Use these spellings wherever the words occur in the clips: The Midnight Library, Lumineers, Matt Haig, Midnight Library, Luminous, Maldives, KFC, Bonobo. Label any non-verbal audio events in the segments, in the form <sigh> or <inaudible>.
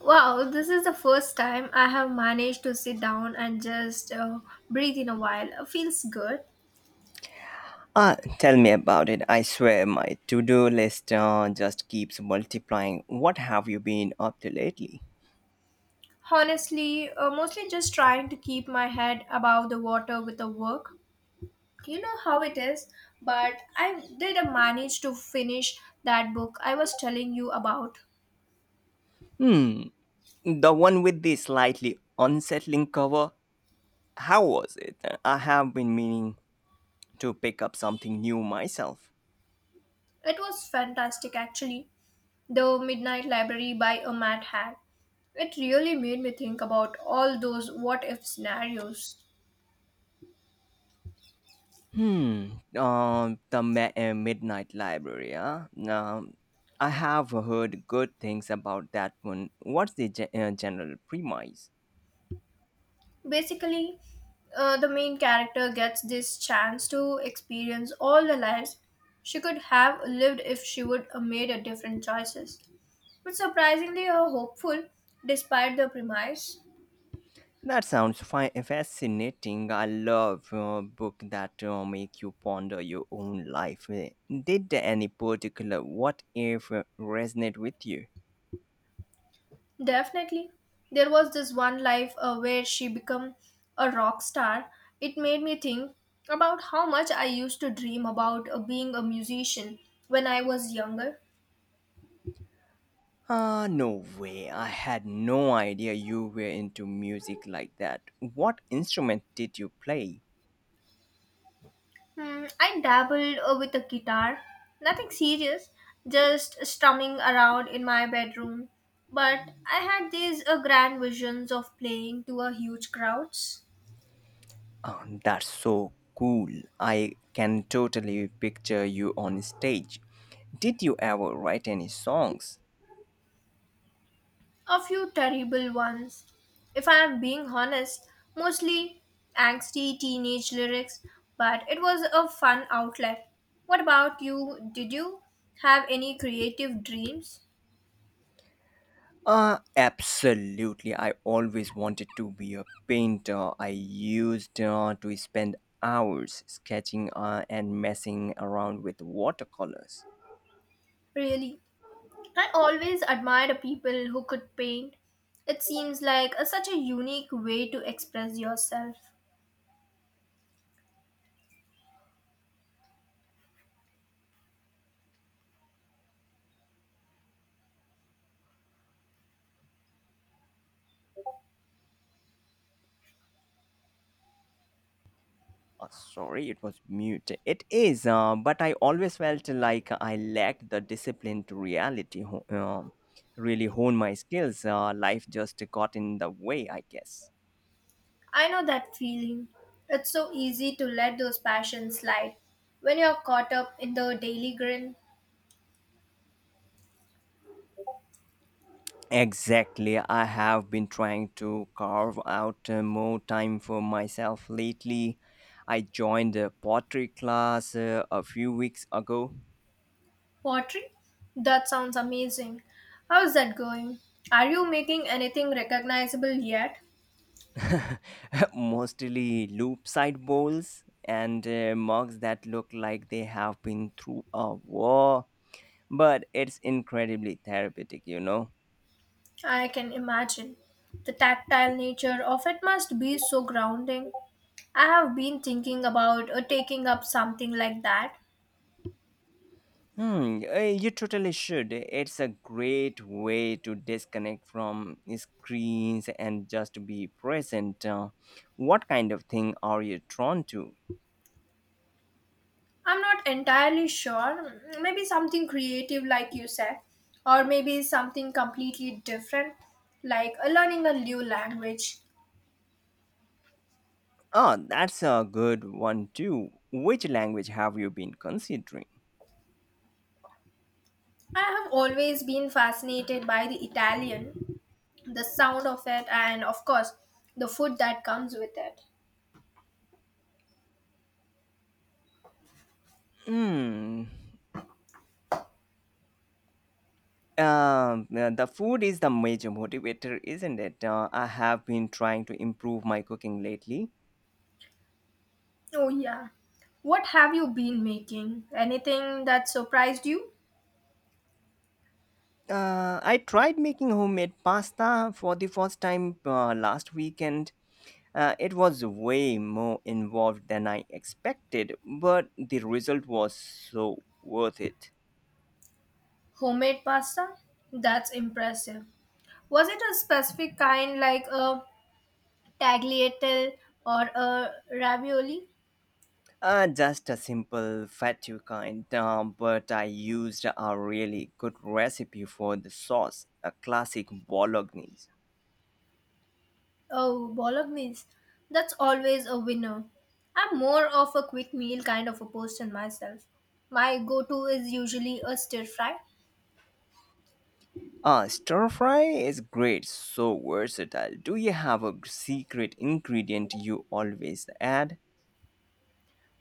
Wow, this is the first time I have managed to sit down and just breathe in a while. Feels good. Ah, tell me about it. I swear my to do list just keeps multiplying. What have you been up to lately? Honestly, mostly just trying to keep my head above the water with the work. You know how it is, but I did manage to finish that book I was telling you about. The one with the slightly unsettling cover? How was it? I have been meaning to pick up something new myself. It was fantastic actually. The Midnight Library by a Matt Haig. It really made me think about all those what if scenarios. The Midnight Library, huh? Um, I have heard good things about that one. What's the general premise? Basically the main character gets this chance to experience all the lives she could have lived if she would have made a different choices, but surprisingly are hopeful despite the premise. That sounds fascinating. I love book that make you ponder your own life. Did any particular what if resonate with you? Definitely, there was this one life where she became a rock star. It made me think about how much I used to dream about being a musician when I was younger. Ah, no way. I had no idea you were into music like that. What instrument did you play? Hmm, I dabbled with a guitar. Nothing serious, just strumming around in my bedroom. But I had these grand visions of playing to a huge crowds, That's so cool. I can totally picture you on stage. Did you ever write any songs? a few terrible ones. If I am being honest, mostly angsty teenage lyrics, but it was a fun outlet. What about you? Did you have any creative dreams? Absolutely. I always wanted to be a painter. I used to spend hours sketching and messing around with watercolors. Really? I always admired people who could paint. It seems like a, such a unique way to express yourself. Sorry, it was mute. It is, but I always felt like I lacked the discipline to reality, really hone my skills. Life just got in the way, I guess. I know that feeling. It's so easy to let those passions slide when you're caught up in the daily grind. Exactly. I have been trying to carve out more time for myself lately. I joined a pottery class a few weeks ago, Pottery? That sounds amazing. How's that going? Are you making anything recognizable yet? <laughs> mostly loop side bowls and mugs that look like they have been through a war. But it's incredibly therapeutic, you know. I can imagine. The tactile nature of it must be so grounding. I have been thinking about taking up something like that. You totally should. It's a great way to disconnect from screens and just be present. What kind of thing are you drawn to? I'm not entirely sure. Maybe something creative, like you said, or maybe something completely different, like learning a new language. Oh, that's a good one too. Which language have you been considering? I have always been fascinated by the Italian, the sound of it, and of course, the food that comes with it. Hmm. The food is the major motivator, isn't it? I have been trying to improve my cooking lately. Oh, yeah. What have you been making? Anything that surprised you? I tried making homemade pasta for the first time last weekend. It was way more involved than I expected, but the result was so worth it. Homemade pasta? That's impressive. Was it a specific kind, like a tagliatelle or a ravioli. Just a simple fatu kind, but I used a really good recipe for the sauce, a classic bolognese. Oh, bolognese. That's always a winner. I'm more of a quick meal kind of a person myself. My go-to is usually a stir fry. Stir fry is great, so versatile. Do you have a secret ingredient you always add?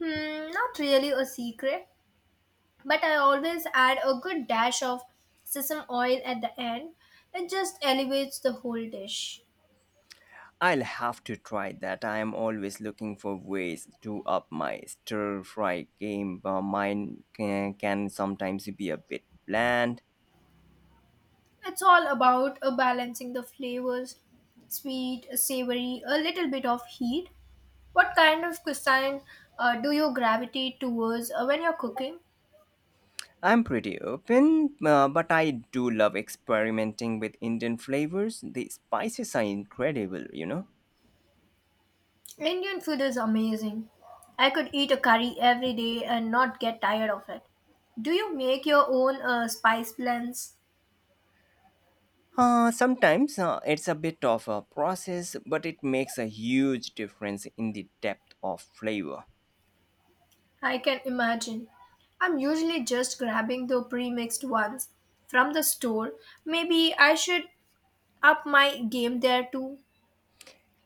Hmm, not really a secret, but I always add a good dash of sesame oil at the end. It just elevates the whole dish. I'll have to try that. I am always looking for ways to up my stir fry game. Mine can sometimes be a bit bland. It's all about balancing the flavors, sweet, savory, a little bit of heat. What kind of cuisine do you gravitate towards when you're cooking? I'm pretty open, but I do love experimenting with Indian flavors. The spices are incredible, you know. Indian food is amazing. I could eat a curry every day and not get tired of it. Do you make your own spice blends? Sometimes it's a bit of a process, but it makes a huge difference in the depth of flavor. I can imagine. I'm usually just grabbing the pre-mixed ones from the store. Maybe I should up my game there too.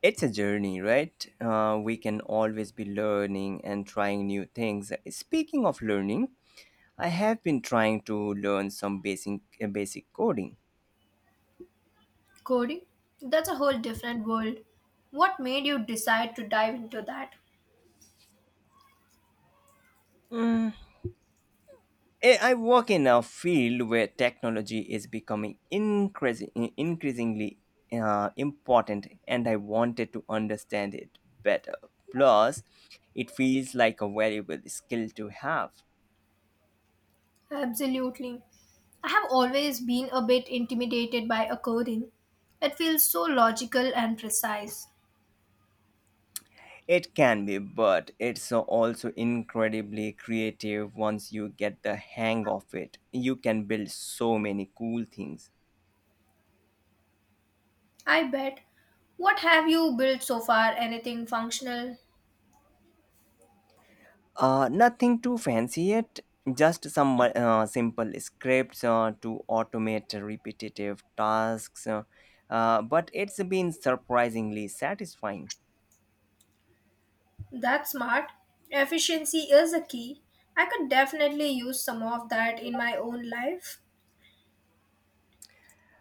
It's a journey, right? We can always be learning and trying new things. Speaking of learning, I have been trying to learn some basic coding. Coding? That's a whole different world. What made you decide to dive into that? Eh, I work in a field where technology is increasingly important, and I wanted to understand it better. Plus, it feels like a valuable skill to have. Absolutely. I have always been a bit intimidated by a coding. It feels so logical and precise. It can be, but it's also incredibly creative once you get the hang of it. You can build so many cool things. I bet. What have you built so far? Anything functional? Nothing too fancy yet, just some simple scripts to automate repetitive tasks. But it's been surprisingly satisfying. That's smart. Efficiency is a key. I could definitely use some of that in my own life.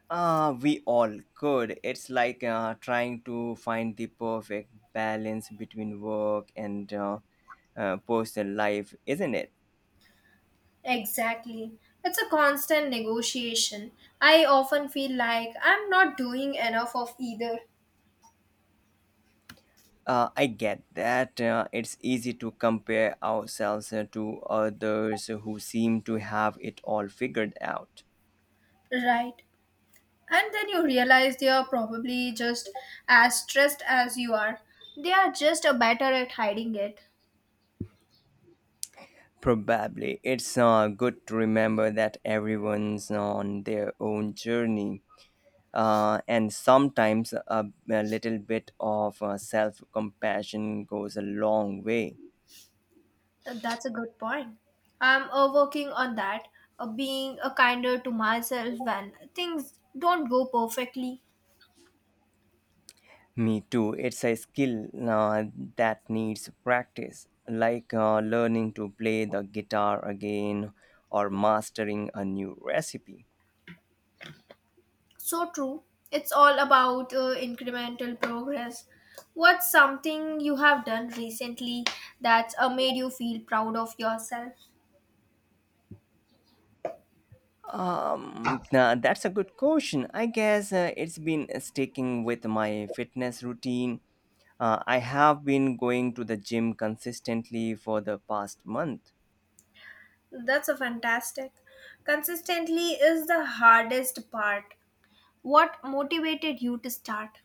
We all could. It's like trying to find the perfect balance between work and personal life, isn't it? Exactly. It's a constant negotiation. I often feel like I'm not doing enough of either. I get that. It's easy to compare ourselves to others who seem to have it all figured out. Right. And then you realize they are probably just as stressed as you are. They are just a better at hiding it. Probably. It's good to remember that everyone's on their own journey. And sometimes a little bit of self compassion goes a long way. That's a good point. I'm working on that, being a kinder to myself when things don't go perfectly. Me too. It's a skill that needs practice, like learning to play the guitar again or mastering a new recipe. So true. It's all about incremental progress. What's something you have done recently that's made you feel proud of yourself? Now that's a good question. I guess it's been sticking with my fitness routine. I have been going to the gym consistently for the past month. That's a fantastic. Consistently is the hardest part. What motivated you to start?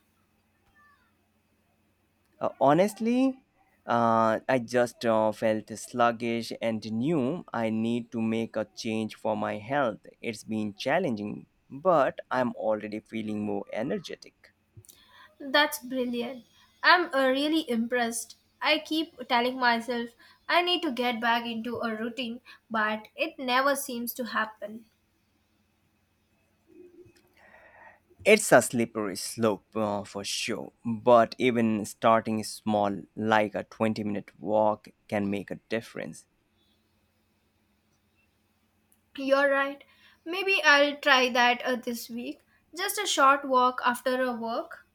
Honestly, I just felt sluggish and knew I need to make a change for my health. It's been challenging, but I'm already feeling more energetic. That's brilliant. I'm really impressed. I keep telling myself I need to get back into a routine, but it never seems to happen. It's a slippery slope for sure, but even starting small, like a 20-minute walk, can make a difference. You're right. Maybe I'll try that this week. Just a short walk after a work.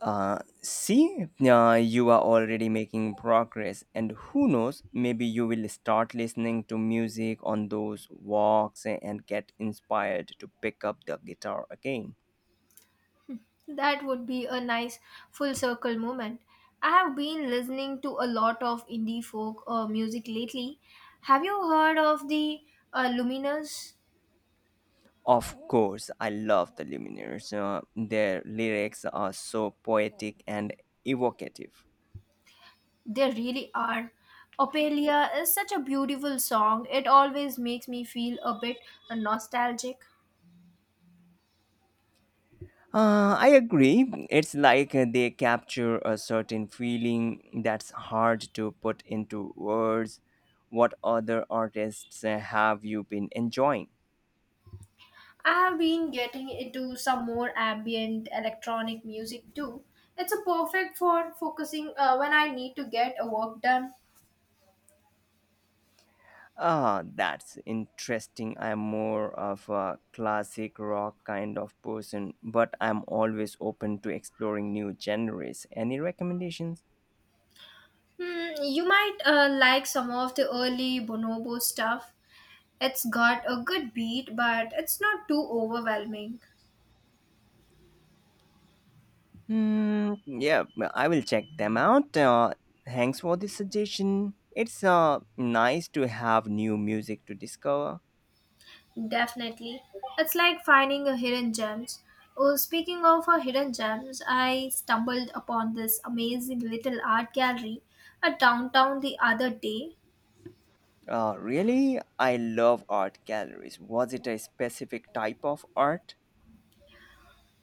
See, you are already making progress, and who knows, maybe you will start listening to music on those walks and get inspired to pick up the guitar again. That would be a nice full circle moment. I have been listening to a lot of indie folk music lately. Have you heard of the Luminous? Of course, I love the Lumineers. Their lyrics are so poetic and evocative. They really are. Ophelia is such a beautiful song. It always makes me feel a bit nostalgic. I agree. It's like they capture a certain feeling that's hard to put into words. What other artists have you been enjoying? I have been getting into some more ambient electronic music too. It's a perfect for focusing when I need to get a work done. Ah, that's interesting. I'm more of a classic rock kind of person, but I'm always open to exploring new genres. Any recommendations? Hmm, you might like some of the early Bonobo stuff. It's got a good beat, but it's not too overwhelming. Mm, yeah, well, I will check them out. Thanks for the suggestion. It's nice to have new music to discover. Definitely. It's like finding a hidden gems. Oh, speaking of a hidden gems, I stumbled upon this amazing little art gallery at downtown the other day. Really, I love art galleries. Was it a specific type of art?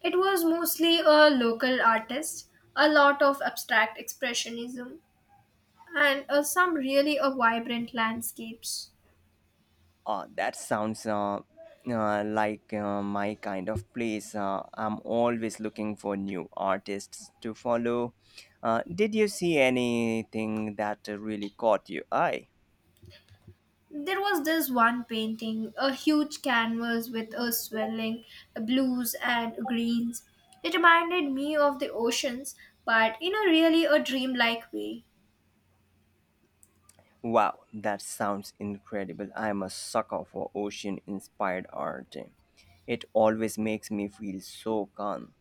It was mostly a local artist, a lot of abstract expressionism, and some really vibrant landscapes. That sounds like my kind of place. I'm always looking for new artists to follow. Did you see anything that really caught your eye? There was this one painting, a huge canvas with a swelling blues and greens. It reminded me of the oceans, but in a really a dreamlike way. Wow, that sounds incredible. I'm a sucker for ocean inspired art. It always makes me feel so calm.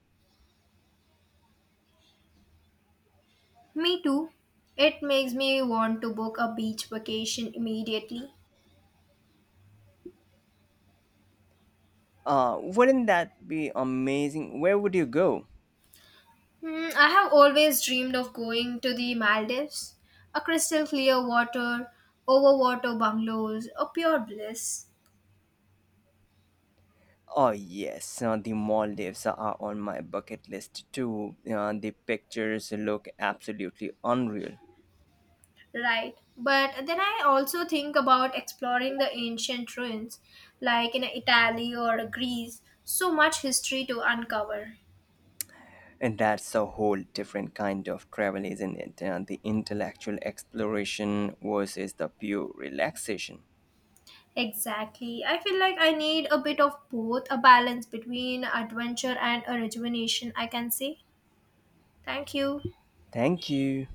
Me too. It makes me want to book a beach vacation immediately. Wouldn't that be amazing? Where would you go? Hmm, I have always dreamed of going to the Maldives, a crystal clear water, overwater bungalows, a pure bliss. Oh, yes, the Maldives are on my bucket list too. The pictures look absolutely unreal. Right. But then I also think about exploring the ancient ruins, like in Italy or Greece. So much history to uncover. And that's a whole different kind of travel, isn't it? The intellectual exploration versus the pure relaxation. Exactly. I feel like I need a bit of both, a balance between adventure and a rejuvenation, I can say. Thank you. Thank you.